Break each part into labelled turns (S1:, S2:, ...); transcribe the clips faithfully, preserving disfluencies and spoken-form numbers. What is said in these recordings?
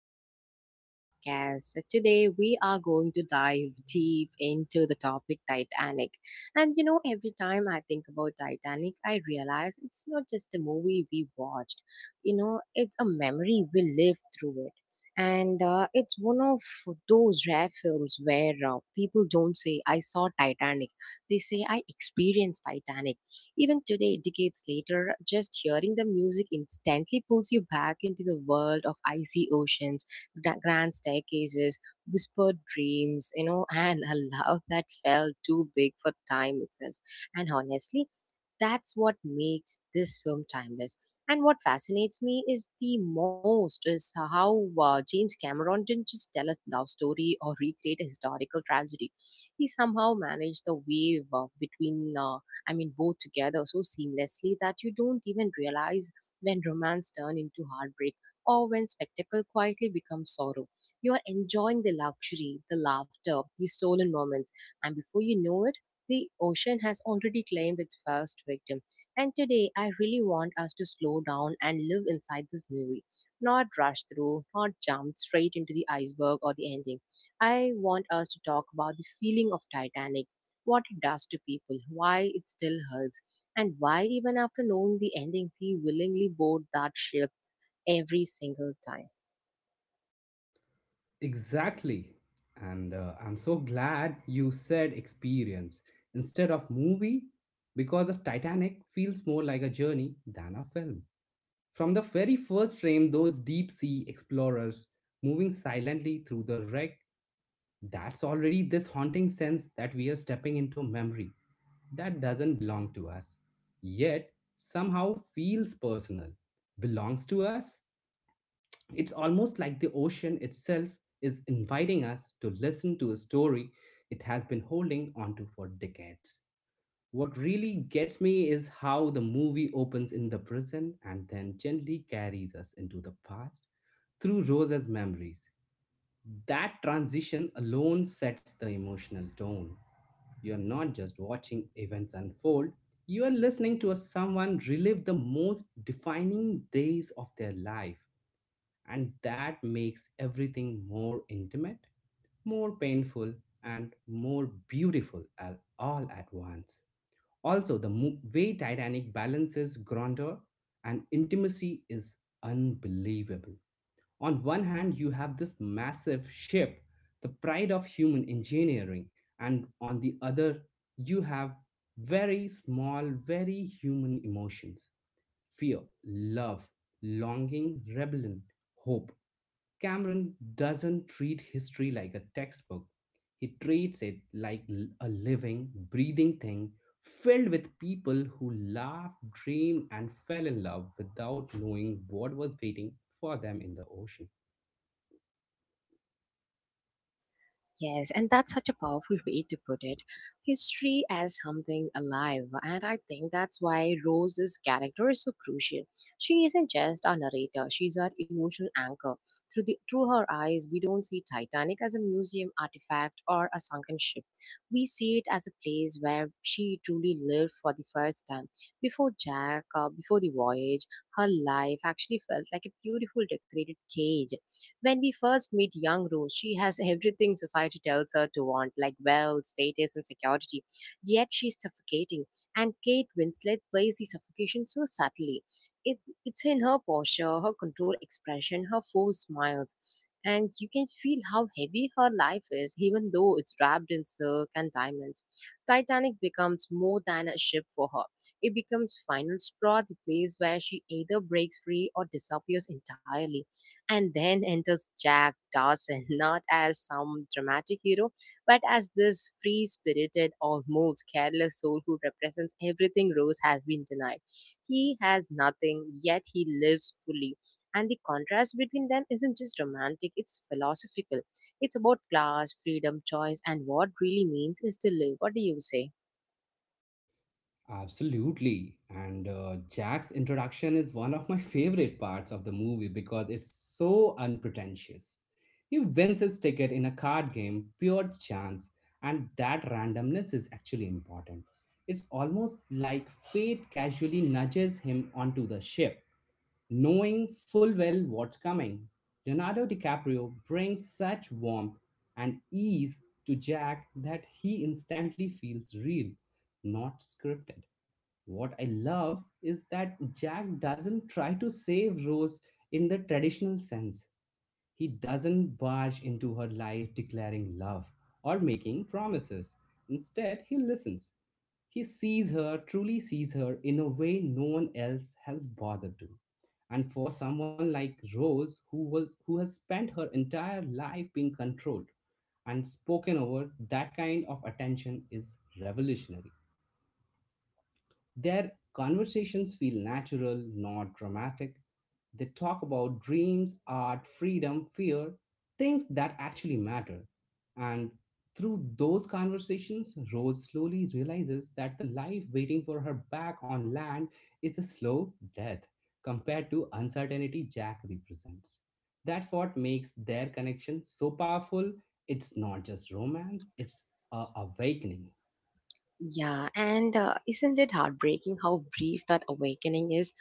S1: welcome back to our podcast. Today, we are going to dive deep into the topic Titanic. And you know, every time I think about Titanic, I realize it's not just a movie we watched, you know, it's a memory we lived through it. And uh, it's one of those rare films where uh, people don't say, I saw Titanic. They say, I experienced Titanic. Even today, decades later, just hearing the music instantly pulls you back into the world of icy oceans, gra- grand staircases, whispered dreams, you know, and a love that felt too big for time itself. And honestly, that's what makes this film timeless. And what fascinates me is the most is how uh, James Cameron didn't just tell a love story or recreate a historical tragedy. He somehow managed the wave uh, between uh, I mean, both together so seamlessly that you don't even realize when romance turns into heartbreak or when spectacle quietly becomes sorrow. You are enjoying the luxury, the laughter, the stolen moments, and before you know it, the ocean has already claimed its first victim. And today, I really want us to slow down and live inside this movie, not rush through, not jump straight into the iceberg or the ending. I want us to talk about the feeling of Titanic, what it does to people, why it still hurts, and why even after knowing the ending we willingly board that ship every single time.
S2: Exactly. And uh, I'm so glad you said experience instead of movie because of Titanic feels more like a journey than a film. From the very first frame, those deep sea explorers moving silently through the wreck, that's already this haunting sense that we are stepping into a memory that doesn't belong to us, yet somehow feels personal, belongs to us. It's almost like the ocean itself is inviting us to listen to a story it has been holding onto for decades. What really gets me is how the movie opens in the present and then gently carries us into the past through Rose's memories. That transition alone sets the emotional tone. You're not just watching events unfold, you are listening to someone relive the most defining days of their life, and that makes everything more intimate, more painful, and more beautiful at all at once. Also, the mo- way Titanic balances grandeur and intimacy is unbelievable. On one hand, you have this massive ship, the pride of human engineering, and on the other, you have very small, very human emotions: fear, love, longing, rebellion, hope. Cameron doesn't treat history like a textbook. He treats it like l- a living, breathing thing filled with people who laughed, dreamed, and fell in love without knowing what was waiting for them in the ocean.
S1: Yes, and that's such a powerful way to put it. History as something alive, and I think that's why Rose's character is so crucial. She isn't just a narrator; she's our emotional anchor. Through the through her eyes, we don't see Titanic as a museum artifact or a sunken ship. We see it as a place where she truly lived for the first time. Before Jack, uh, before the voyage, her life actually felt like a beautiful decorated cage. When we first meet young Rose, she has everything society tells her to want, like wealth, status, and security. Yet she's suffocating, and Kate Winslet plays the suffocation so subtly. It, it's in her posture, her controlled expression, her forced smiles, and you can feel how heavy her life is, even though it's wrapped in silk and diamonds. Titanic becomes more than a ship for her. It becomes final straw, the place where she either breaks free or disappears entirely. And then enters Jack Dawson, not as some dramatic hero, but as this free spirited, almost careless soul who represents everything Rose has been denied. He has nothing, yet he lives fully. And the contrast between them isn't just romantic, it's philosophical. It's about class, freedom, choice, and what really means is to live. What do you say?
S2: Absolutely. And uh, Jack's introduction is one of my favorite parts of the movie because it's so unpretentious. He wins his ticket in a card game, pure chance, and that randomness is actually important. It's almost like fate casually nudges him onto the ship, knowing full well what's coming. Leonardo DiCaprio brings such warmth and ease to Jack that he instantly feels real, not scripted. What I love is that Jack doesn't try to save Rose in the traditional sense. He doesn't barge into her life declaring love or making promises. Instead, he listens. He sees her, truly sees her, in a way no one else has bothered to. And for someone like Rose, who was who has spent her entire life being controlled and spoken over, that kind of attention is revolutionary. Their conversations feel natural, not dramatic. They talk about dreams, art, freedom, fear, things that actually matter. And through those conversations, Rose slowly realizes that the life waiting for her back on land is a slow death compared to uncertainty Jack represents. That's what makes their connection so powerful. It's not just romance, it's uh, awakening.
S1: Yeah, and uh, isn't it heartbreaking how brief that awakening is?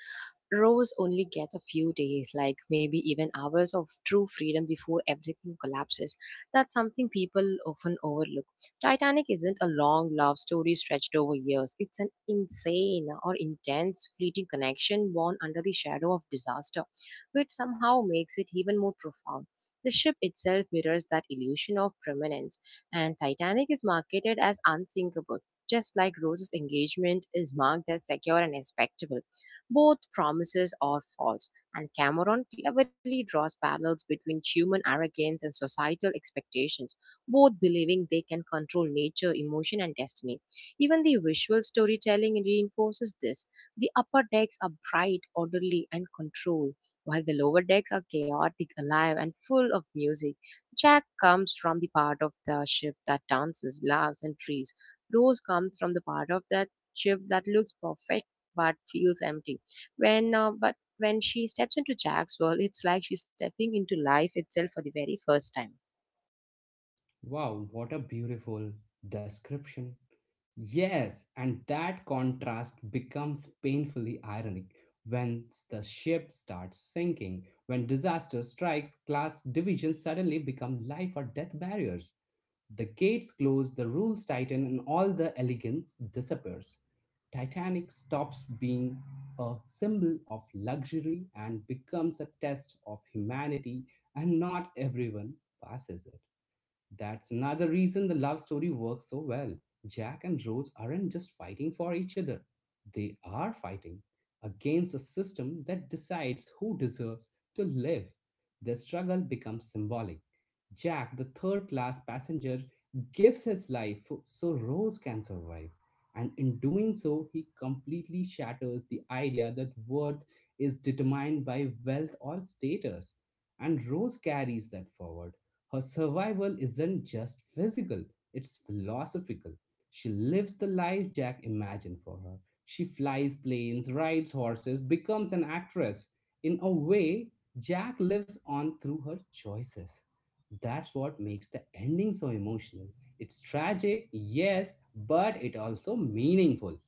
S1: Rose only gets a few days, like maybe even hours of true freedom before everything collapses. That's something people often overlook. Titanic isn't a long love story stretched over years, it's an insane or intense, fleeting connection born under the shadow of disaster, which somehow makes it even more profound. The ship itself mirrors that illusion of permanence, and Titanic is marketed as unsinkable just like Rose's engagement is marked as secure and respectable, both promises are false, and Cameron cleverly draws parallels between human arrogance and societal expectations, both believing they can control nature, emotion, and destiny. Even the visual storytelling reinforces this. The upper decks are bright, orderly, and controlled, while the lower decks are chaotic, alive, and full of music. Jack comes from the part of the ship that dances, laughs, and trees. Rose comes from the part of that ship that looks perfect but feels empty. When uh, but when she steps into Jack's world, it's like she's stepping into life itself for the very first time.
S2: Wow, what a beautiful description. Yes, and that contrast becomes painfully ironic when the ship starts sinking, when disaster strikes, class divisions suddenly become life or death barriers. The gates close, the rules tighten, and all the elegance disappears. Titanic stops being a symbol of luxury and becomes a test of humanity, and not everyone passes it. That's another reason the love story works so well. Jack and Rose aren't just fighting for each other, they are fighting against a system that decides who deserves to live. Their struggle becomes symbolic. Jack, the third class passenger, gives his life fo- so Rose can survive. And in doing so, he completely shatters the idea that worth is determined by wealth or status. And Rose carries that forward: her survival isn't just physical, it's philosophical. She lives the life Jack imagined for her. She flies planes, rides horses, becomes an actress. In a way, Jack lives on through her choices. That's what makes the ending so emotional. It's tragic, yes, but it also meaningful.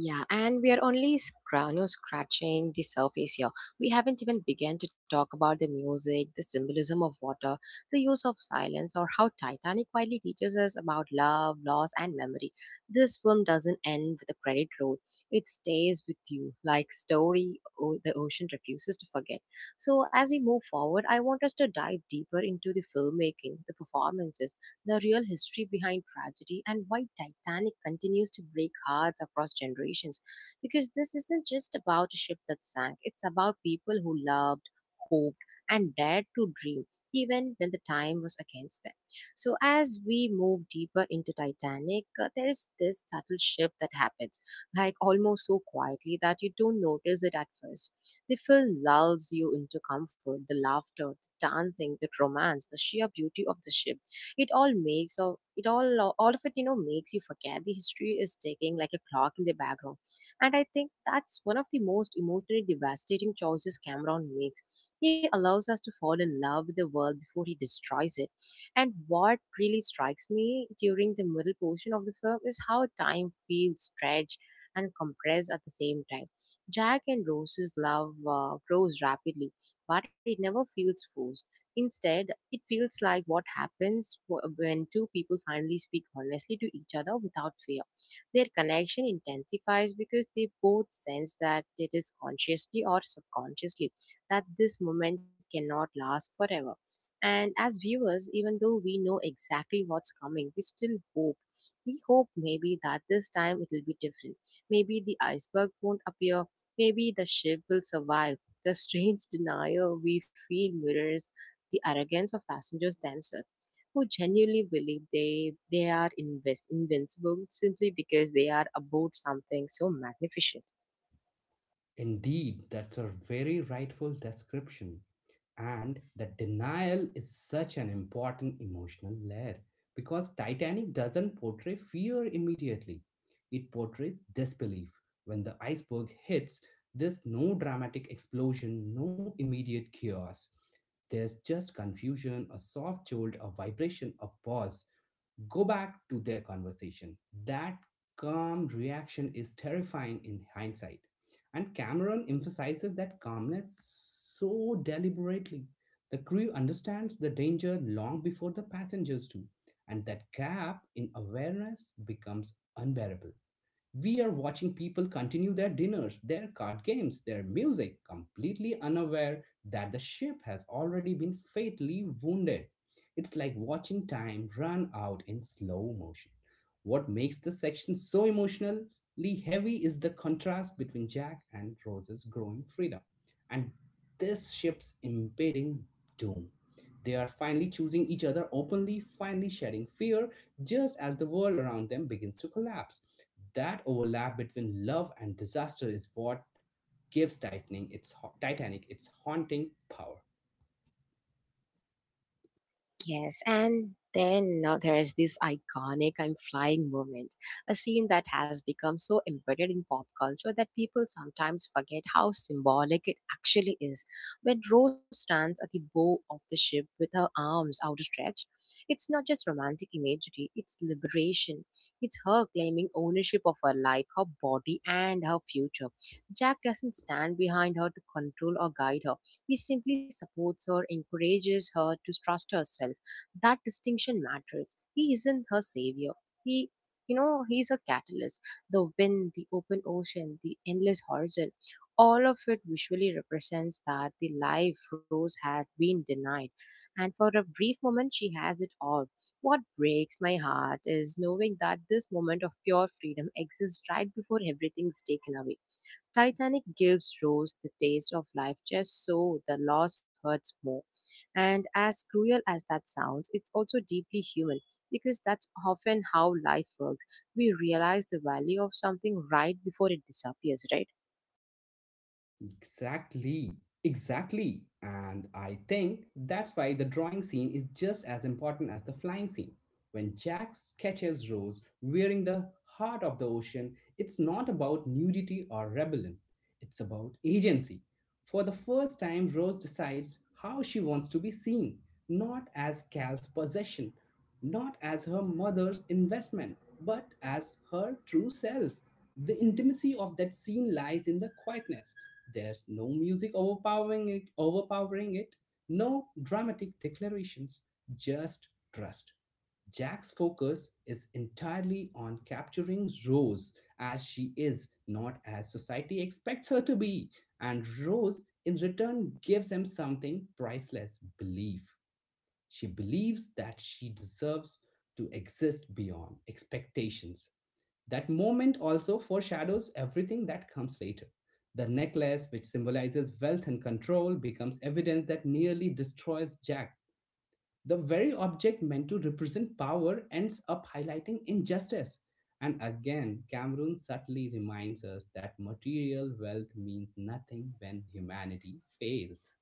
S1: Yeah, and we are only scra- you know, scratching the surface here. We haven't even begun to talk about the music, the symbolism of water, the use of silence, or how Titanic quietly teaches us about love, loss, and memory. This film doesn't end with a credit roll, it stays with you like story o- the ocean refuses to forget. So, as we move forward, I want us to dive deeper into the filmmaking, the performances, the real history behind tragedy and why Titanic continues to break hearts across generations. Because this isn't just about a ship that sank, it's about people who loved, hoped, and dared to dream, even when the time was against them. So, as we move deeper into Titanic, uh, there is this subtle shift that happens, like almost so quietly that you don't notice it at first. The film lulls you into comfort, the laughter, the dancing, the romance, the sheer beauty of the ship. It all makes or it all all of it you know makes you forget the history is ticking like a clock in the background. And I think that's one of the most emotionally devastating choices Cameron makes. He allows us to fall in love with the world before he destroys it. And what really strikes me during the middle portion of the film is how time feels stretched and compressed at the same time. Jack and Rose's love uh, grows rapidly, but it never feels forced. Instead, it feels like what happens wh- when two people finally speak honestly to each other without fear. Their connection intensifies because they both sense that it is consciously or subconsciously that this moment cannot last forever. And as viewers, even though we know exactly what's coming, we still hope. We hope maybe that this time it will be different. Maybe the iceberg won't appear. Maybe the ship will survive. The strange denial we feel mirrors the arrogance of passengers themselves who genuinely believe they they are invis- invincible simply because they are aboard something so magnificent.
S2: Indeed, that's a very rightful description. And the denial is such an important emotional layer because Titanic doesn't portray fear immediately. It portrays disbelief. When the iceberg hits, there's no dramatic explosion, no immediate chaos. There's just confusion, a soft jolt, a vibration, a pause go back to their conversation. That calm reaction is terrifying in hindsight. And Cameron emphasizes that calmness so deliberately. The crew understands the danger long before the passengers do, and that gap in awareness becomes unbearable. We are watching people continue their dinners, their card games, their music, completely unaware that the ship has already been fatally wounded. It's like watching time run out in slow motion. What makes the section so emotionally heavy is the contrast between Jack and Rose's growing freedom and this ship's impending doom. They are finally choosing each other openly, finally sharing fear, just as the world around them begins to collapse. That overlap between love and disaster is what gives Titanic its, Titanic its haunting power.
S1: Yes, and then now there's this iconic I'm flying moment, a scene that has become so embedded in pop culture that people sometimes forget how symbolic it actually is. When Rose stands at the bow of the ship with her arms outstretched, it's not just romantic imagery, it's liberation. It's her claiming ownership of her life, her body, and her future. Jack doesn't stand behind her to control or guide her, he simply supports her, encourages her to trust herself. That distinction matters. He isn't her savior. He, you know, he's a catalyst. The wind, the open ocean, the endless horizon, all of it visually represents that the life Rose had been denied. And for a brief moment, she has it all. What breaks my heart is knowing that this moment of pure freedom exists right before everything's taken away. Titanic gives Rose the taste of life just so the loss hurts more. And as cruel as that sounds, it's also deeply human because that's often how life works. We realize the value of something right before it disappears, right?
S2: Exactly, exactly. And I think that's why the drawing scene is just as important as the flying scene. When Jack sketches Rose wearing the heart of the ocean, it's not about nudity or rebellion, it's about agency. For the first time, Rose decides how she wants to be seen, not as Cal's possession, not as her mother's investment, but as her true self. The intimacy of that scene lies in the quietness, there's no music overpowering it, overpowering it, no dramatic declarations, just trust. Jack's focus is entirely on capturing Rose as she is, not as society expects her to be. And Rose, in return, gives him something priceless: belief. She believes that she deserves to exist beyond expectations. That moment also foreshadows everything that comes later. The necklace, which symbolizes wealth and control, becomes evidence that nearly destroys Jack. The very object meant to represent power ends up highlighting injustice. And again, Cameron subtly reminds us that material wealth means nothing when humanity fails.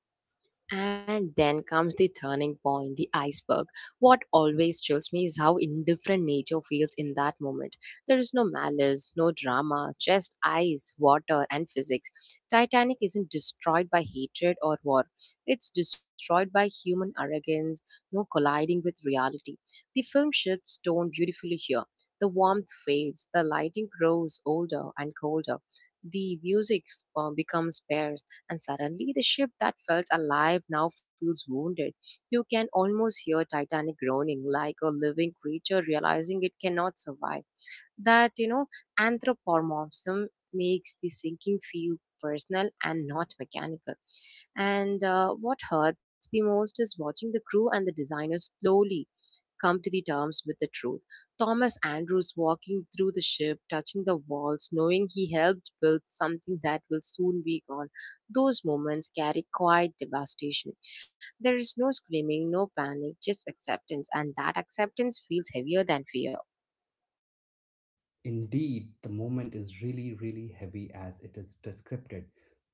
S1: And then comes the turning point, the iceberg. What always chills me is how indifferent nature feels in that moment. There is no malice, no drama, just ice, water, and physics. Titanic isn't destroyed by hatred or war, it's destroyed by human arrogance, no colliding with reality. The film shifts tone beautifully here. The warmth fades, the lighting grows older and colder, the music uh, becomes bare, and suddenly the ship that felt alive now feels wounded. You can almost hear Titanic groaning like a living creature realizing it cannot survive. That, you know, anthropomorphism makes the sinking feel personal and not mechanical. And uh, what hurts the most is watching the crew and the designers slowly come to the terms with the truth. Thomas Andrews walking through the ship, touching the walls, knowing he helped build something that will soon be gone. Those moments carry quiet devastation. There is no screaming, no panic, just acceptance, and that acceptance feels heavier than fear.
S2: Indeed, the moment is really, really heavy as it is described.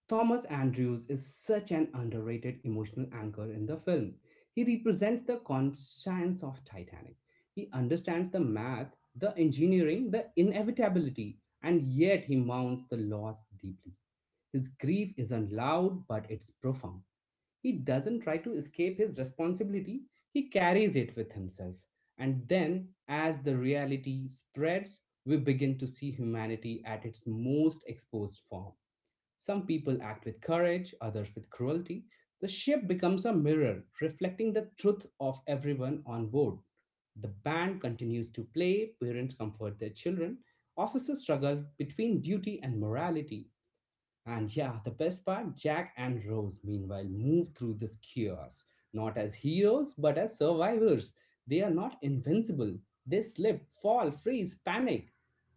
S2: Thomas Andrews is such an underrated emotional anchor in the film. He represents the conscience of Titanic. He understands the math, the engineering, the inevitability, and yet he mourns the loss deeply. His grief isn't loud, but it's profound. He doesn't try to escape his responsibility, he carries it with himself. And then, as the reality spreads, we begin to see humanity at its most exposed form. Some people act with courage, others with cruelty. The ship becomes a mirror, reflecting the truth of everyone on board. The band continues to play, parents comfort their children, officers struggle between duty and morality, and yeah, the best part: Jack and Rose, meanwhile, move through this chaos, not as heroes, but as survivors. They are not invincible. They slip, fall, freeze, panic.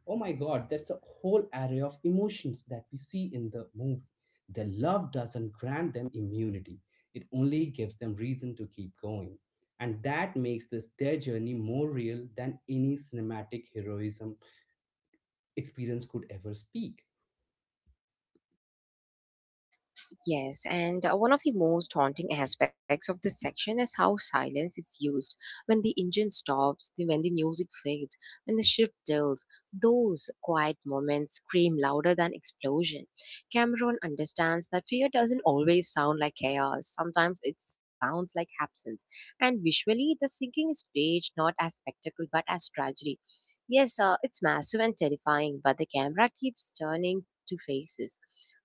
S2: Oh my god, that's a whole array of emotions that we see in the movie. Their love doesn't grant them immunity, it only gives them reason to keep going. And that makes this their journey more real than any cinematic heroism experience could ever speak.
S1: Yes, and uh, one of the most haunting aspects of this section is how silence is used. When the engine stops, the, when the music fades, when the ship tilts, those quiet moments scream louder than explosion. Cameron understands that fear doesn't always sound like chaos. Sometimes it sounds like absence. And visually, the sinking is staged not as spectacle but as tragedy. Yes, uh, it's massive and terrifying, but the camera keeps turning to faces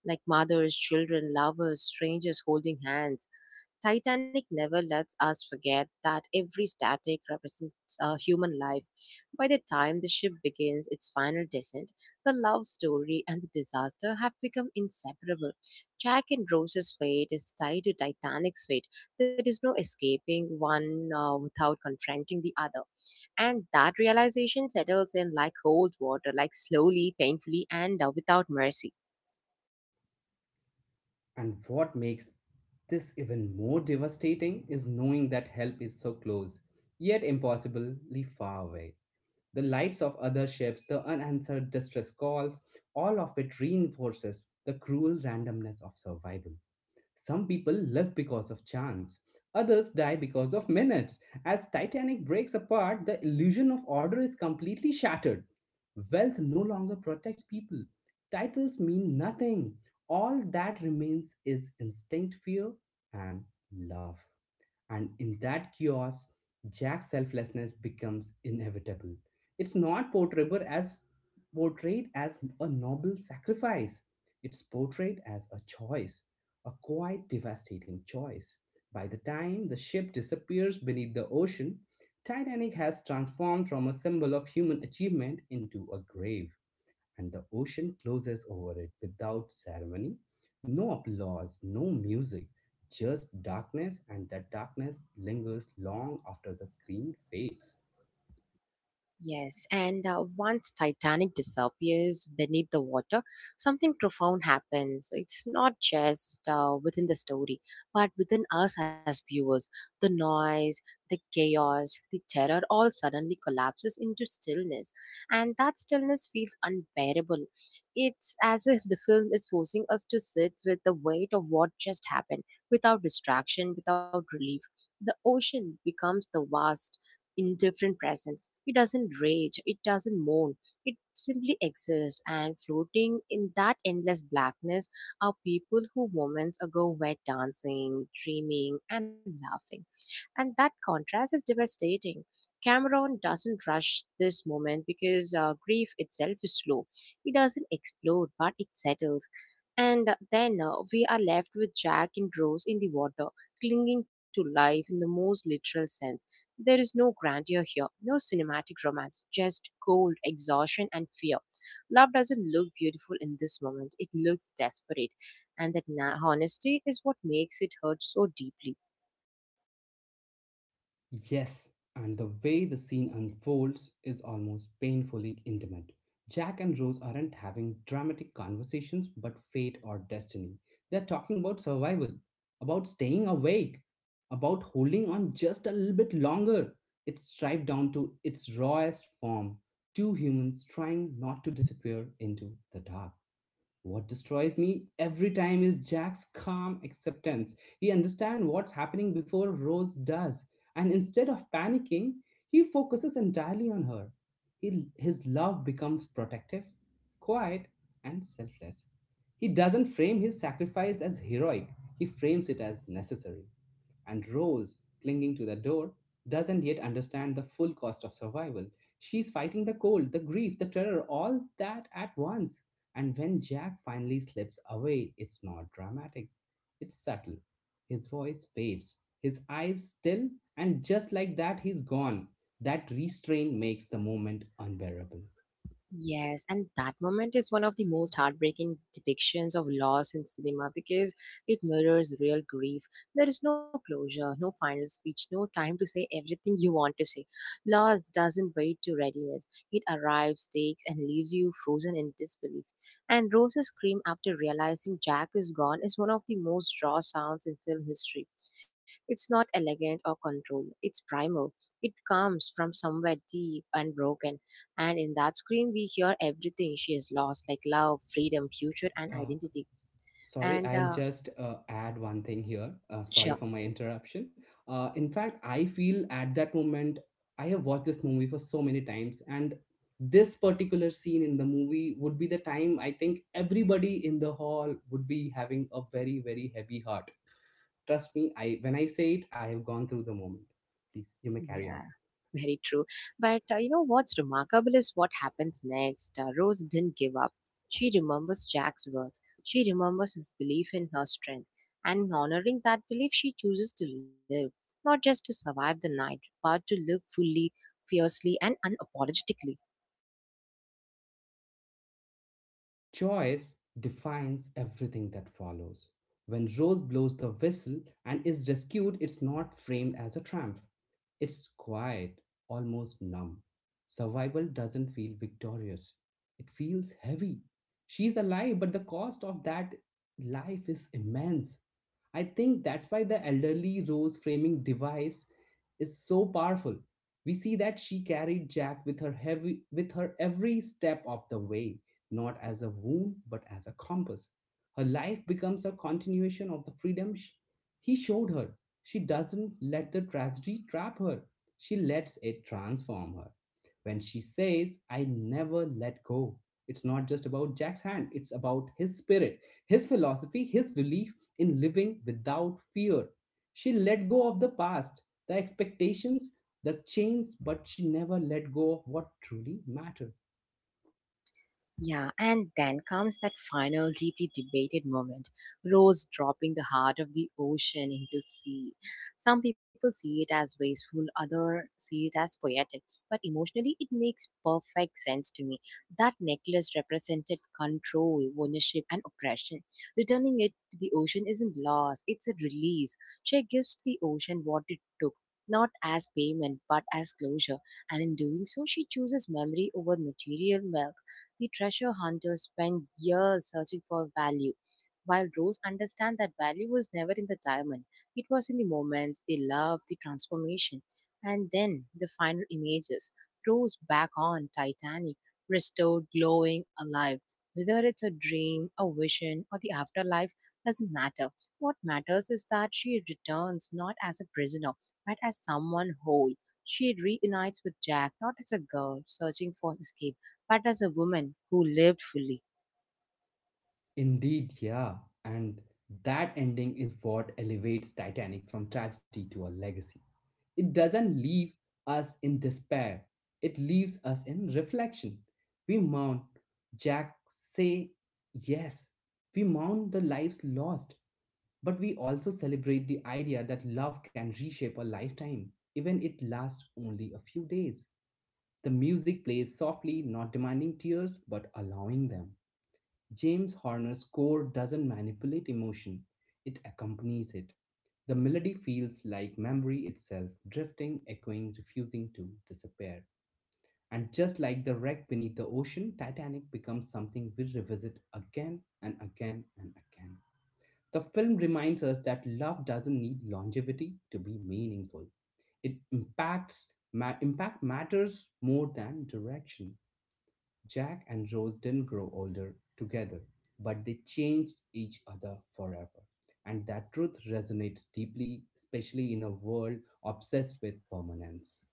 S1: like mothers, children, lovers, strangers holding hands. Titanic never lets us forget that every static represents a human life. By the time the ship begins its final descent, the love story and the disaster have become inseparable. Jack and Rose's fate is tied to Titanic's fate. There is no escaping one uh, without confronting the other. And that realization settles in like cold water, like slowly, painfully, and uh, without mercy.
S2: And what makes this even more devastating is knowing that help is so close, yet impossibly far away. The lights of other ships, the unanswered distress calls, all of it reinforces the cruel randomness of survival. Some people live because of chance. Others die because of minutes. As Titanic breaks apart, the illusion of order is completely shattered. Wealth no longer protects people. Titles mean nothing. All that remains is instinct, fear, and love. And in that chaos, Jack's selflessness becomes inevitable. It's not portrayed as portrayed as a noble sacrifice. It's portrayed as a choice, a quite devastating choice. By the time the ship disappears beneath the ocean, Titanic has transformed from a symbol of human achievement into a grave, and the ocean closes over it without ceremony. No applause, no music, just darkness, and that darkness lingers long after the screen fades.
S1: Yes, and uh, once Titanic disappears beneath the water, something profound happens. It's not just uh, within the story, but within us as viewers. The noise, the chaos, the terror all suddenly collapses into stillness, and that stillness feels unbearable. It's as if the film is forcing us to sit with the weight of what just happened, without distraction, without relief. The ocean becomes the vast indifferent presence. It doesn't rage, it doesn't moan, it simply exists. And floating in that endless blackness are people who moments ago were dancing, dreaming, and laughing. And that contrast is devastating. Cameron doesn't rush this moment because uh, grief itself is slow. It doesn't explode, but it settles. And then uh, we are left with Jack and Rose in the water, clinging to life in the most literal sense. There is no grandeur here, no cinematic romance, just cold exhaustion and fear. Love doesn't look beautiful in this moment, it looks desperate, and that na- honesty is what makes it hurt so deeply.
S2: Yes, and the way the scene unfolds is almost painfully intimate. Jack and Rose aren't having dramatic conversations but fate or destiny. They're talking about survival, about staying awake, about holding on just a little bit longer. It's stripped down to its rawest form, two humans trying not to disappear into the dark. What destroys me every time is Jack's calm acceptance. He understands what's happening before Rose does, and instead of panicking, he focuses entirely on her. He, his love becomes protective, quiet, and selfless. He doesn't frame his sacrifice as heroic, he frames it as necessary. And Rose, clinging to the door, doesn't yet understand the full cost of survival. She's fighting the cold, the grief, the terror, all that at once. And when Jack finally slips away, it's not dramatic, it's subtle. His voice fades, his eyes still, and just like that, he's gone. That restraint makes the moment unbearable.
S1: Yes, and that moment is one of the most heartbreaking depictions of loss in cinema because it mirrors real grief. There is no closure, no final speech, no time to say everything you want to say. Loss doesn't wait to readiness, it arrives, takes, and leaves you frozen in disbelief. And Rose's scream after realizing Jack is gone is one of the most raw sounds in film history. It's not elegant or controlled, it's primal. It comes from somewhere deep and broken, and in that scream, we hear everything she has lost like love, freedom, future, and
S2: Uh,
S1: identity.
S2: Sorry,
S1: And
S2: I'll
S1: uh,
S2: just uh, add one thing here. Uh, sorry
S1: sure,
S2: for my interruption. Uh, in fact, I feel at that moment, I have watched this movie for so many times, and this particular scene in the movie would be the time I think everybody in the hall would be having a very, very heavy heart. Trust me, I when I say it, I have gone through the moment. Please, you may
S1: yeah.
S2: carry on.
S1: Very true. But uh, you know what's remarkable is what happens next. Uh, Rose didn't give up. She remembers Jack's words. She remembers his belief in her strength. And in honoring that belief, she chooses to live, not just to survive the night, but to live fully, fiercely, and unapologetically.
S2: And that choice defines everything that follows. When Rose blows the whistle and is rescued, it's not framed as a triumph. It's quiet, almost numb. Survival doesn't feel victorious, it feels heavy. She's alive, but the cost of that life is immense. I think that's why the elderly Rose framing device is so powerful. We see that she carried Jack with her heavy with her every step of the way, not as a wound but as a compass. Her life becomes a continuation of the freedom sh- he showed her. She doesn't let the tragedy trap her, she lets it transform her. When she says, I never let go, it's not just about Jack's hand, it's about his spirit, his philosophy, his belief in living without fear. She let go of the past, the expectations, the chains, but she never let go of what truly mattered.
S1: Yeah, and then comes that final deeply debated moment. Rose dropping the heart of the ocean into sea. Some people see it as wasteful, others see it as poetic, but emotionally it makes perfect sense to me. That necklace represented control, ownership, and oppression. Returning it to the ocean isn't loss, it's a release. She gives the ocean what it took. Not as payment, but as closure, and in doing so, she chooses memory over material wealth. The treasure hunters spend years searching for value, while Rose understands that value was never in the diamond. It was in the moments, the love, the transformation, and then the final images. Rose back on Titanic, restored, glowing, alive. Whether it's a dream, a vision, or the afterlife doesn't matter. What matters is that she returns not as a prisoner, but as someone whole. She reunites with Jack, not as a girl searching for escape but as a woman who lived fully.
S2: Indeed, yeah. And that ending is what elevates Titanic from tragedy to a legacy. It doesn't leave us in despair, it leaves us in reflection. We mourn, Jack say yes. We mourn the lives lost, but we also celebrate the idea that love can reshape a lifetime, even it lasts only a few days. The music plays softly, not demanding tears, but allowing them. James Horner's score doesn't manipulate emotion, it accompanies it. The melody feels like memory itself, drifting, echoing, refusing to disappear. And just like the wreck beneath the ocean, Titanic becomes something we revisit again and again and again. The film reminds us that love doesn't need longevity to be meaningful. It impacts ma- impact matters more than direction. Jack and Rose didn't grow older together, but they changed each other forever. And that truth resonates deeply, especially in a world obsessed with permanence.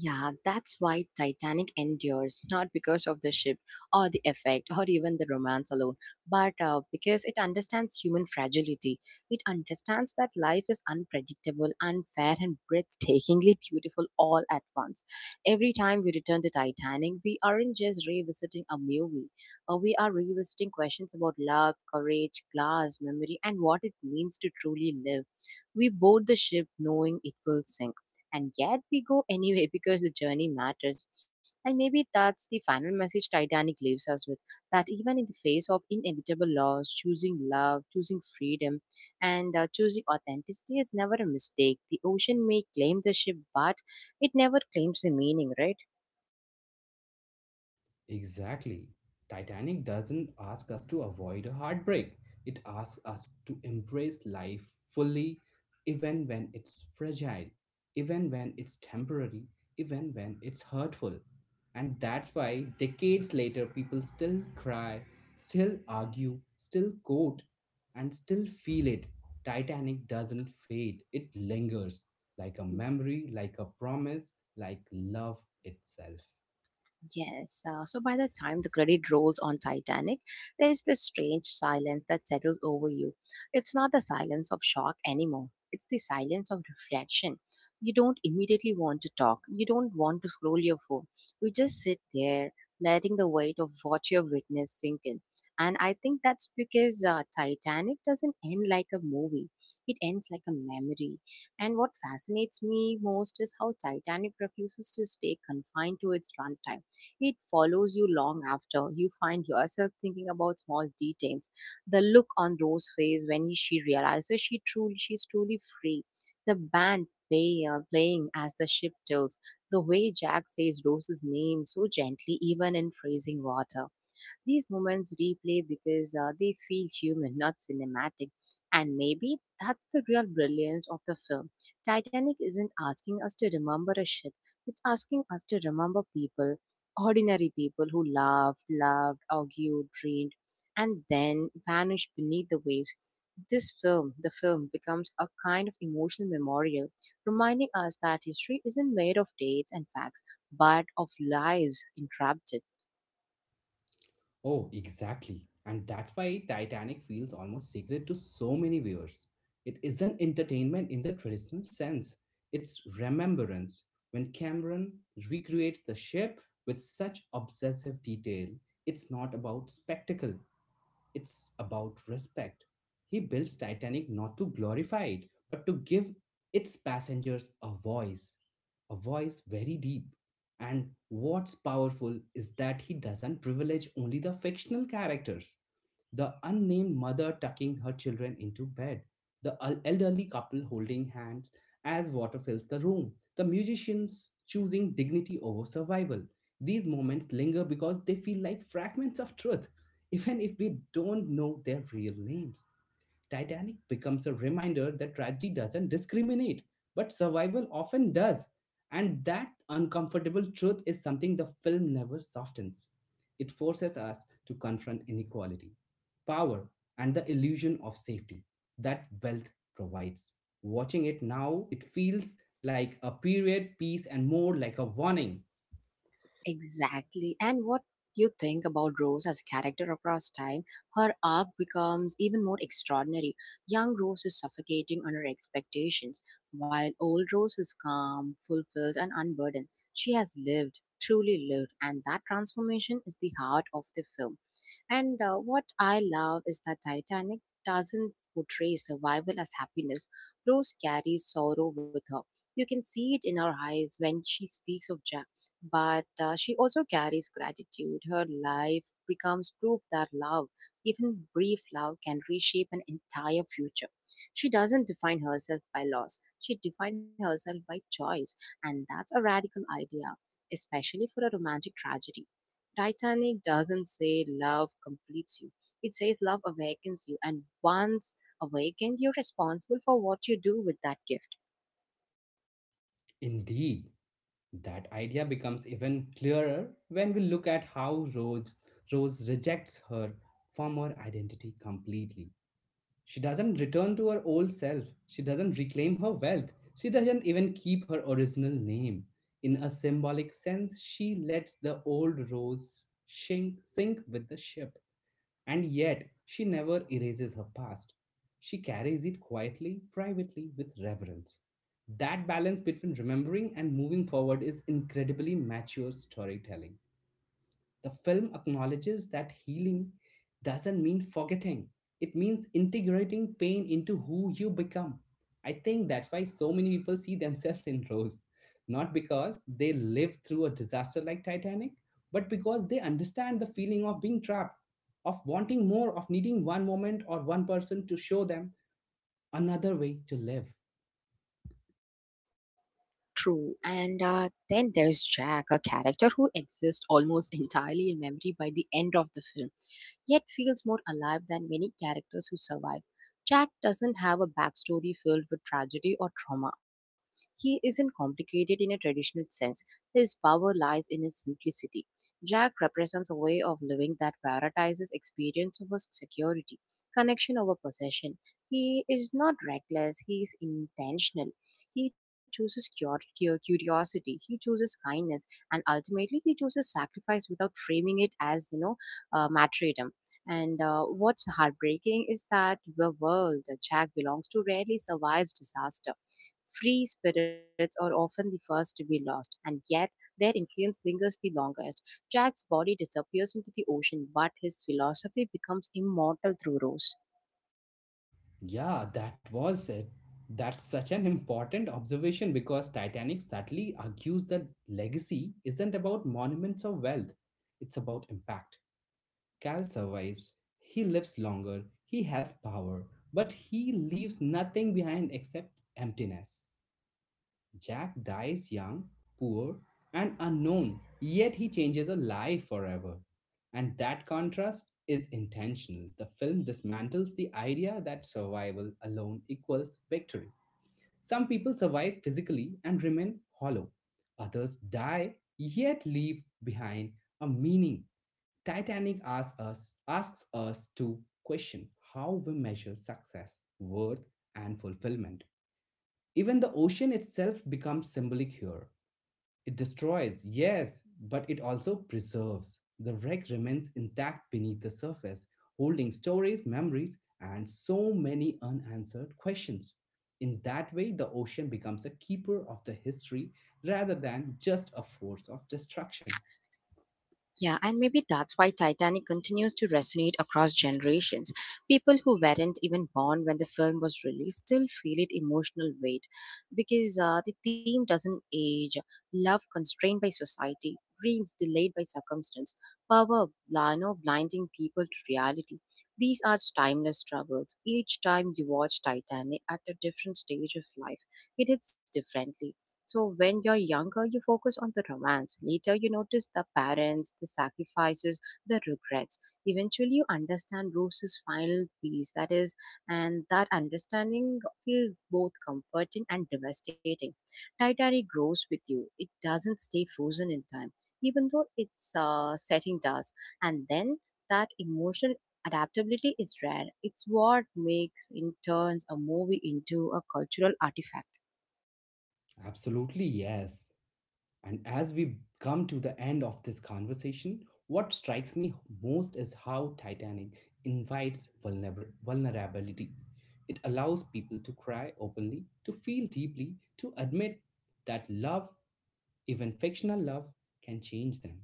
S1: Yeah, that's why Titanic endures, not because of the ship or the effect or even the romance alone, but uh, because it understands human fragility. It understands that life is unpredictable, unfair, and breathtakingly beautiful all at once. Every time we return to Titanic, we aren't just revisiting a movie, uh, we are revisiting questions about love, courage, class, memory, and what it means to truly live. We board the ship knowing it will sink, and yet we go anyway because the journey matters. And maybe that's the final message Titanic leaves us with, that even in the face of inevitable loss, choosing love, choosing freedom, and uh, choosing authenticity is never a mistake. The ocean may claim the ship, but it never claims the meaning, right?
S2: Exactly. Titanic doesn't ask us to avoid a heartbreak. It asks us to embrace life fully, even when it's fragile, even when it's temporary, even when it's hurtful. And that's why decades later, people still cry, still argue, still quote, and still feel it. Titanic doesn't fade, it lingers like a memory, like a promise, like love itself.
S1: Yes. Uh, so by the time the credit rolls on Titanic, there is this strange silence that settles over you. It's not the silence of shock anymore. It's the silence of reflection. You don't immediately want to talk. You don't want to scroll your phone. You just sit there, letting the weight of what you've witnessed sink in. And I think that's because uh, Titanic doesn't end like a movie. It ends like a memory. And what fascinates me most is how Titanic refuses to stay confined to its runtime. It follows you long after. You find yourself thinking about small details. The look on Rose's face when he- she realizes she truly she's truly free. The band play, uh, playing as the ship tilts. The way Jack says Rose's name so gently, even in freezing water. These moments replay because uh, they feel human, not cinematic. And maybe that's the real brilliance of the film. Titanic isn't asking us to remember a ship, it's asking us to remember people, ordinary people who laughed, loved, argued, dreamed, and then vanished beneath the waves. This film, the film becomes a kind of emotional memorial, reminding us that history isn't made of dates and facts, but of lives entrapped.
S2: Oh, exactly. And that's why Titanic feels almost sacred to so many viewers. It isn't entertainment in the traditional sense, it's remembrance. When Cameron recreates the ship with such obsessive detail, it's not about spectacle, it's about respect. He builds Titanic not to glorify it, but to give its passengers a voice, a voice very deep. And what's powerful is that he doesn't privilege only the fictional characters: the unnamed mother tucking her children into bed, the el- elderly couple holding hands as water fills the room, the musicians choosing dignity over survival. These moments linger because they feel like fragments of truth, even if we don't know their real names. Titanic becomes a reminder that tragedy doesn't discriminate, but survival often does. And that uncomfortable truth is something the film never softens. It forces us to confront inequality, power, and the illusion of safety that wealth provides. Watching it now, it feels like a period piece and more like a warning.
S1: Exactly. And what you think about Rose as a character across time, her arc becomes even more extraordinary. Young Rose is suffocating under expectations, while old Rose is calm, fulfilled, and unburdened. She has lived, truly lived, and that transformation is the heart of the film. And uh, what I love is that Titanic doesn't portray survival as happiness. Rose carries sorrow with her. You can see it in her eyes when she speaks of Ja- but uh, she also carries gratitude. Her life becomes proof that love, even brief love, can reshape an entire future. She doesn't define herself by loss, she defines herself by choice, and that's a radical idea, especially for a romantic tragedy. Titanic doesn't say love completes you. It says love awakens you, and once awakened, you're responsible for what you do with that gift.
S2: Indeed. That idea becomes even clearer when we look at how Rose, Rose rejects her former identity completely. She doesn't return to her old self, she doesn't reclaim her wealth, she doesn't even keep her original name. In a symbolic sense, she lets the old Rose shink, sink with the ship. And yet, she never erases her past. She carries it quietly, privately, with reverence. That balance between remembering and moving forward is incredibly mature storytelling. The film acknowledges that healing doesn't mean forgetting, it means integrating pain into who you become. I think that's why so many people see themselves in Rose, not because they lived through a disaster like Titanic, but because they understand the feeling of being trapped, of wanting more, of needing one moment or one person to show them another way to live.
S1: True. And uh, then there's Jack, a character who exists almost entirely in memory by the end of the film, yet feels more alive than many characters who survive. Jack doesn't have a backstory filled with tragedy or trauma. He isn't complicated in a traditional sense. His power lies in his simplicity. Jack represents a way of living that prioritizes experience over security, connection over possession. He is not reckless, he is intentional. He chooses cur- cu- curiosity, he chooses kindness, and ultimately he chooses sacrifice without framing it as, you know, uh, martyrdom. And uh, what's heartbreaking is that the world that Jack belongs to rarely survives disaster. Free spirits are often the first to be lost, and yet their influence lingers the longest. Jack's body disappears into the ocean, but his philosophy becomes immortal through Rose.
S2: Yeah, that was it. That's such an important observation because Titanic subtly argues that legacy isn't about monuments or wealth, it's about impact. Cal survives, he lives longer, he has power, but he leaves nothing behind except emptiness. Jack dies young, poor, and unknown, yet he changes a life forever. And that contrast is intentional. The film dismantles the idea that survival alone equals victory. Some people survive physically and remain hollow, others die yet leave behind a meaning. Titanic asks us, asks us to question how we measure success, worth, and fulfillment. Even the ocean itself becomes symbolic here. It destroys, yes, but it also preserves. The wreck remains intact beneath the surface, holding stories, memories, and so many unanswered questions. In that way, the ocean becomes a keeper of the history rather than just a force of destruction.
S1: Yeah, and maybe that's why Titanic continues to resonate across generations. People who weren't even born when the film was released still feel it emotional weight because uh, the theme doesn't age. Love constrained by society, dreams delayed by circumstance, power bl- you know, blinding people to reality. These are timeless struggles. Each time you watch Titanic at a different stage of life, it hits differently. So when you're younger, you focus on the romance. Later, you notice the parents, the sacrifices, the regrets. Eventually, you understand Rose's final piece. That is, and that understanding feels both comforting and devastating. Titanic grows with you. It doesn't stay frozen in time, even though its uh, setting does. And then that emotional adaptability is rare. It's what makes, in turns, a movie into a cultural artifact.
S2: Absolutely, yes. And as we come to the end of this conversation, what strikes me most is how Titanic invites vulner- vulnerability. It allows people to cry openly, to feel deeply, to admit that love, even fictional love, can change them.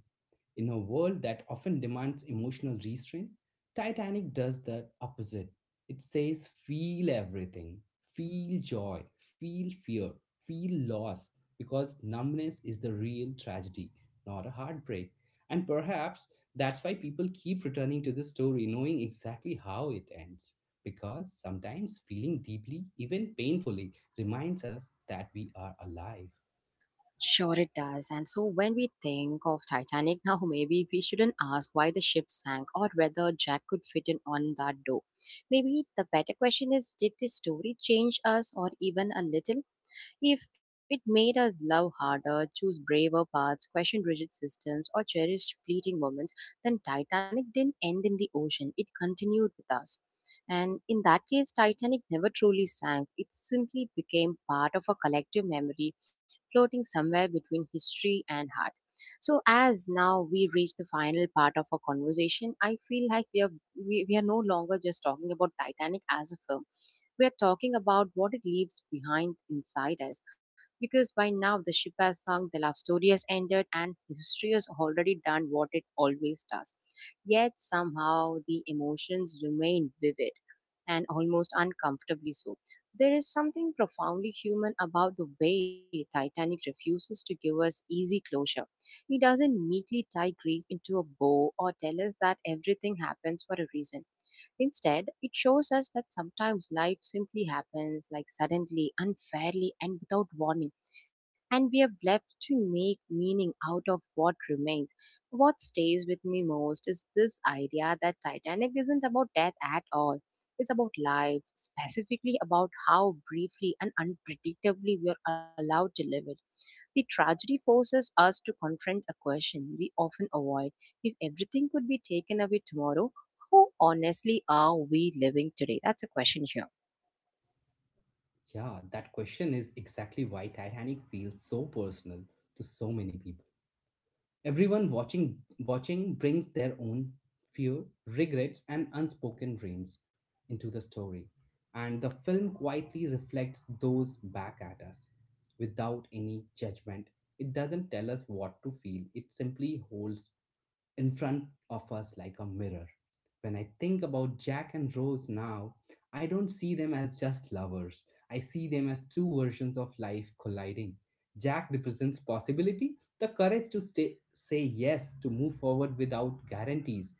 S2: In a world that often demands emotional restraint, Titanic does the opposite. It says, feel everything, feel joy, feel fear, feel loss, because numbness is the real tragedy, not a heartbreak. And perhaps that's why people keep returning to the story, knowing exactly how it ends. Because sometimes feeling deeply, even painfully, reminds us that we are alive.
S1: Sure, it does. And so when we think of Titanic now, maybe we shouldn't ask why the ship sank or whether Jack could fit in on that door. Maybe the better question is, did the story change us or even a little? If it made us love harder, choose braver paths, question rigid systems, or cherish fleeting moments, then Titanic didn't end in the ocean. It continued with us. And in that case, Titanic never truly sank. It simply became part of a collective memory floating somewhere between history and heart. So as now we reach the final part of our conversation, I feel like we are we, we are no longer just talking about Titanic as a film. We are talking about what it leaves behind inside us. Because by now the ship has sunk, the love story has ended, and history has already done what it always does. Yet somehow the emotions remain vivid and almost uncomfortably so. There is something profoundly human about the way Titanic refuses to give us easy closure. He doesn't neatly tie grief into a bow or tell us that everything happens for a reason. Instead, it shows us that sometimes life simply happens, like suddenly, unfairly, and without warning, and we have left to make meaning out of what remains. What stays with me most is this idea that Titanic isn't about death at all. It's about life, specifically about how briefly and unpredictably we are allowed to live it. The tragedy forces us to confront a question we often avoid. If everything could be taken away tomorrow, how honestly are we living today? That's a question here.
S2: Yeah, that question is exactly why Titanic feels so personal to so many people. Everyone watching watching brings their own fear, regrets and unspoken dreams into the story, and the film quietly reflects those back at us without any judgment. It doesn't tell us what to feel. It simply holds in front of us like a mirror. When I think about Jack and Rose now, I don't see them as just lovers. I see them as two versions of life colliding. Jack represents possibility, the courage to stay, say yes, to move forward without guarantees.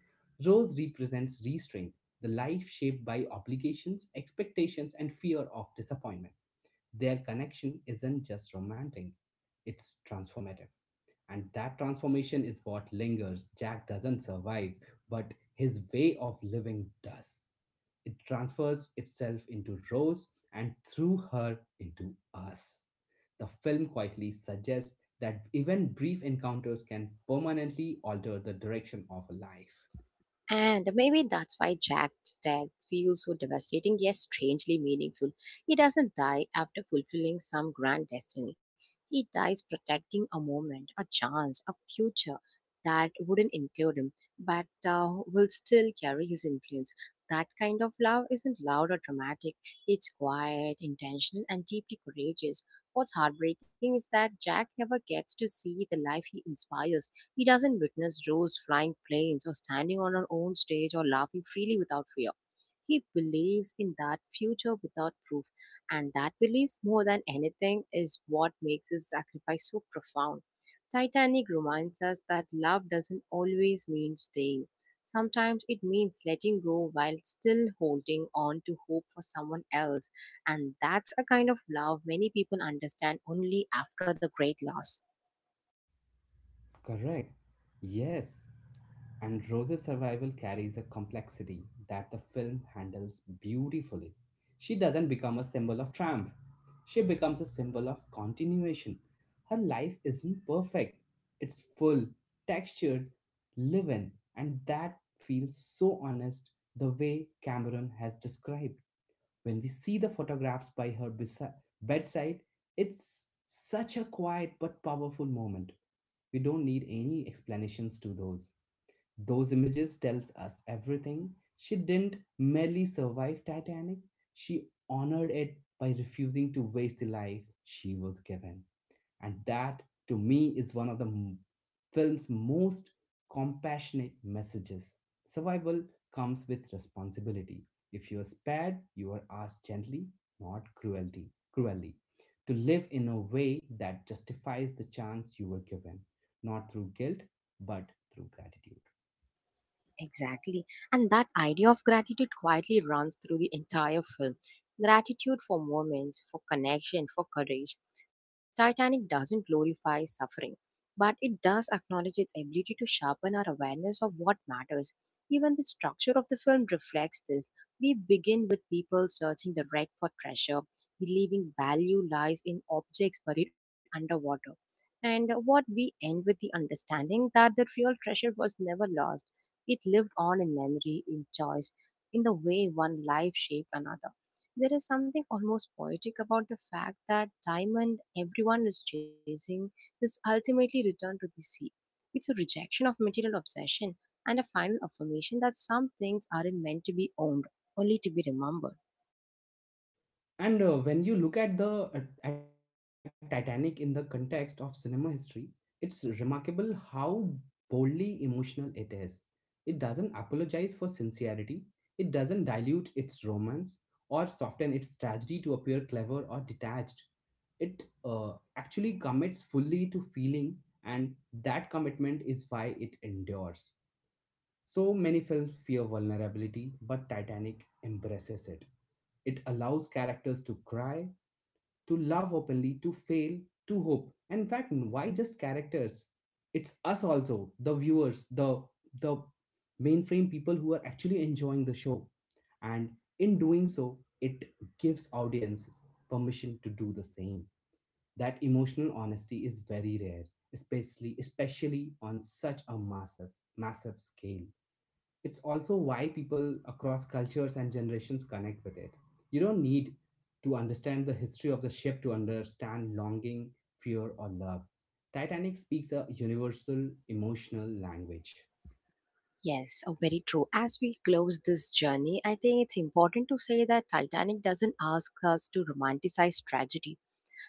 S2: Rose represents restraint, the life shaped by obligations, expectations, and fear of disappointment. Their connection isn't just romantic, it's transformative. And that transformation is what lingers. Jack doesn't survive, but his way of living does. It transfers itself into Rose and through her into us. The film quietly suggests that even brief encounters can permanently alter the direction of a life.
S1: And maybe that's why Jack's death feels so devastating yet strangely meaningful. He doesn't die after fulfilling some grand destiny. He dies protecting a moment, a chance, a future that wouldn't include him, but uh, will still carry his influence. That kind of love isn't loud or dramatic. It's quiet, intentional, and deeply courageous. What's heartbreaking is that Jack never gets to see the life he inspires. He doesn't witness Rose flying planes or standing on her own stage or laughing freely without fear. He believes in that future without proof, and that belief, more than anything, is what makes his sacrifice so profound. Titanic reminds us that love doesn't always mean staying. Sometimes it means letting go while still holding on to hope for someone else. And that's a kind of love many people understand only after the great loss.
S2: Correct. Yes. And Rose's survival carries a complexity that the film handles beautifully. She doesn't become a symbol of triumph, she becomes a symbol of continuation. Her life isn't perfect, it's full, textured, live in, and that feels so honest the way Cameron has described. When we see the photographs by her besi- bedside, it's such a quiet but powerful moment. We don't need any explanations to those. Those images tells us everything. She didn't merely survive Titanic, she honored it by refusing to waste the life she was given. And that, to me, is one of the m- film's most compassionate messages. Survival comes with responsibility. If you are spared, you are asked gently, not cruelty, cruelly, to live in a way that justifies the chance you were given, not through guilt, but through gratitude.
S1: Exactly. And that idea of gratitude quietly runs through the entire film. Gratitude for moments, for connection, for courage. Titanic doesn't glorify suffering, but it does acknowledge its ability to sharpen our awareness of what matters. Even the structure of the film reflects this. We begin with people searching the wreck for treasure, believing value lies in objects buried underwater. And what we end with the understanding that the real treasure was never lost. It lived on in memory, in choice, in the way one life shaped another. There is something almost poetic about the fact that diamond everyone is chasing is ultimately returned to the sea. It's a rejection of material obsession and a final affirmation that some things aren't meant to be owned, only to be remembered.
S2: And uh, when you look at the uh, at Titanic in the context of cinema history, it's remarkable how boldly emotional it is. It doesn't apologize for sincerity. It doesn't dilute its romance or soften its tragedy to appear clever or detached. It uh, actually commits fully to feeling, and that commitment is why it endures. So many films fear vulnerability, but Titanic embraces it. It allows characters to cry, to love openly, to fail, to hope. And in fact, why just characters? It's us also, the viewers, the the mainframe people who are actually enjoying the show. And in doing so, it gives audience permission to do the same. That emotional honesty is very rare, especially especially on such a massive, massive scale. It's also why people across cultures and generations connect with it. You don't need to understand the history of the ship to understand longing, fear, or love. Titanic speaks a universal emotional language.
S1: Yes, oh, very true. As we close this journey, I think it's important to say that Titanic doesn't ask us to romanticize tragedy.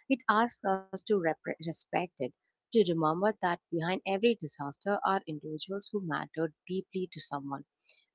S1: It asks us to repre- respect it, to remember that behind every disaster are individuals who mattered deeply to someone,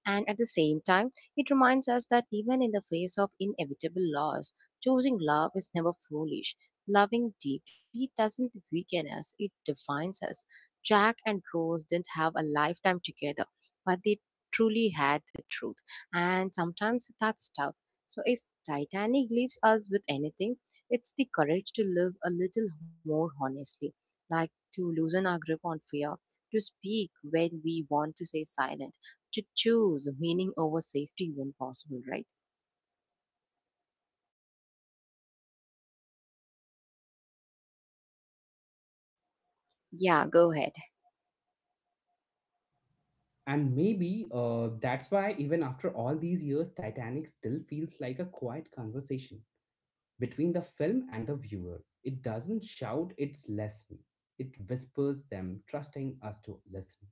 S1: and at the same time, it reminds us that even in the face of inevitable loss, choosing love is never foolish. Loving deeply doesn't weaken us, it defines us. Jack and Rose didn't have a lifetime together, but they truly had the truth. And sometimes that's tough. So if Titanic leaves us with anything, it's the courage to live a little more honestly, like to loosen our grip on fear, to speak when we want to say silent, to choose meaning over safety when possible, right? Yeah, go ahead.
S2: And maybe uh, that's why, even after all these years, Titanic still feels like a quiet conversation between the film and the viewer. It doesn't shout its lesson, it whispers them, trusting us to listen.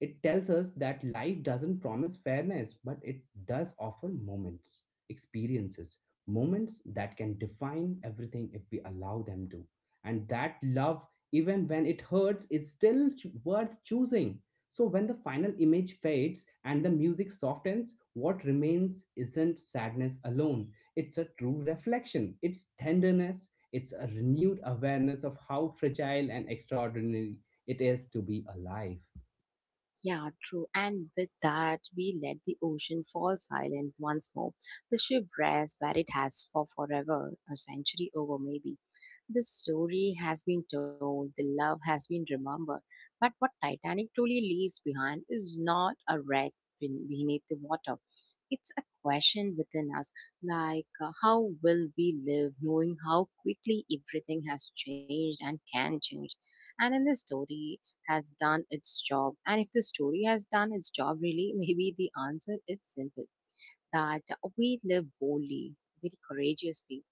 S2: It tells us that life doesn't promise fairness, but it does offer moments, experiences, moments that can define everything if we allow them to. And that love, even when it hurts, is still ch- worth choosing. So when the final image fades and the music softens, what remains isn't sadness alone. It's a true reflection, it's tenderness, it's a renewed awareness of how fragile and extraordinary it is to be alive.
S1: Yeah, true. And with that, we let the ocean fall silent once more. The ship rests where it has for forever, a century over maybe. The story has been told, the love has been remembered. But what Titanic truly leaves behind is not a wreck ben- beneath the water. It's a question within us, like uh, how will we live knowing how quickly everything has changed and can change? And in the story, has done its job. And if the story has done its job, really, maybe the answer is simple that we live boldly, very courageously,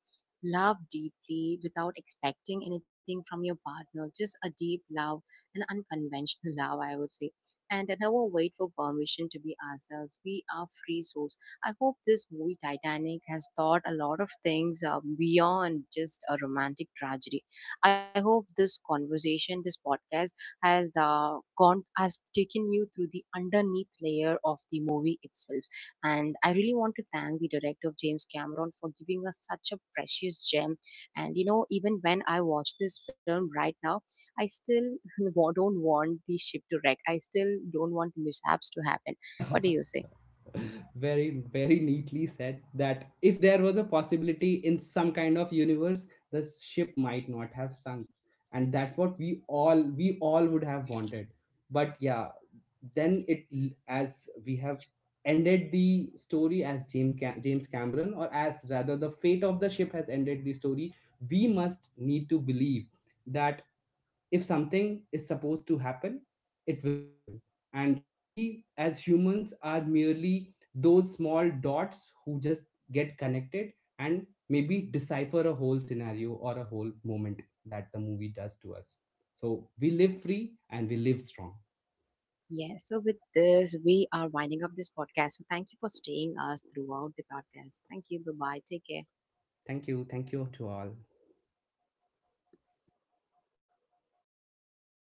S1: love deeply without expecting anything from your partner, just a deep love, an unconventional love, I would say, and never wait for permission to be ourselves. We are free souls. I hope this movie Titanic has taught a lot of things uh, beyond just a romantic tragedy. I hope this conversation, this podcast, has uh, gone has taken you through the underneath layer of the movie itself. And I really want to thank the director James Cameron for giving us such a precious gem. And you know, even when I watch this film right now, I still wa- don't want the ship to wreck. I still don't want the mishaps to happen. What do you say?
S2: Very very neatly said that if there was a possibility in some kind of universe, the ship might not have sunk, and that's what we all we all would have wanted. But yeah, then it, as we have ended the story as james, Ca- james cameron, or as rather the fate of the ship has ended the story, we must need to believe that if something is supposed to happen, it will happen. And we as humans are merely those small dots who just get connected and maybe decipher a whole scenario or a whole moment that the movie does to us. So we live free and we live strong.
S1: Yeah, so with this we are winding up this podcast, so thank you for staying us throughout the podcast. Thank you. Bye bye. Take care.
S2: Thank you. Thank you to all.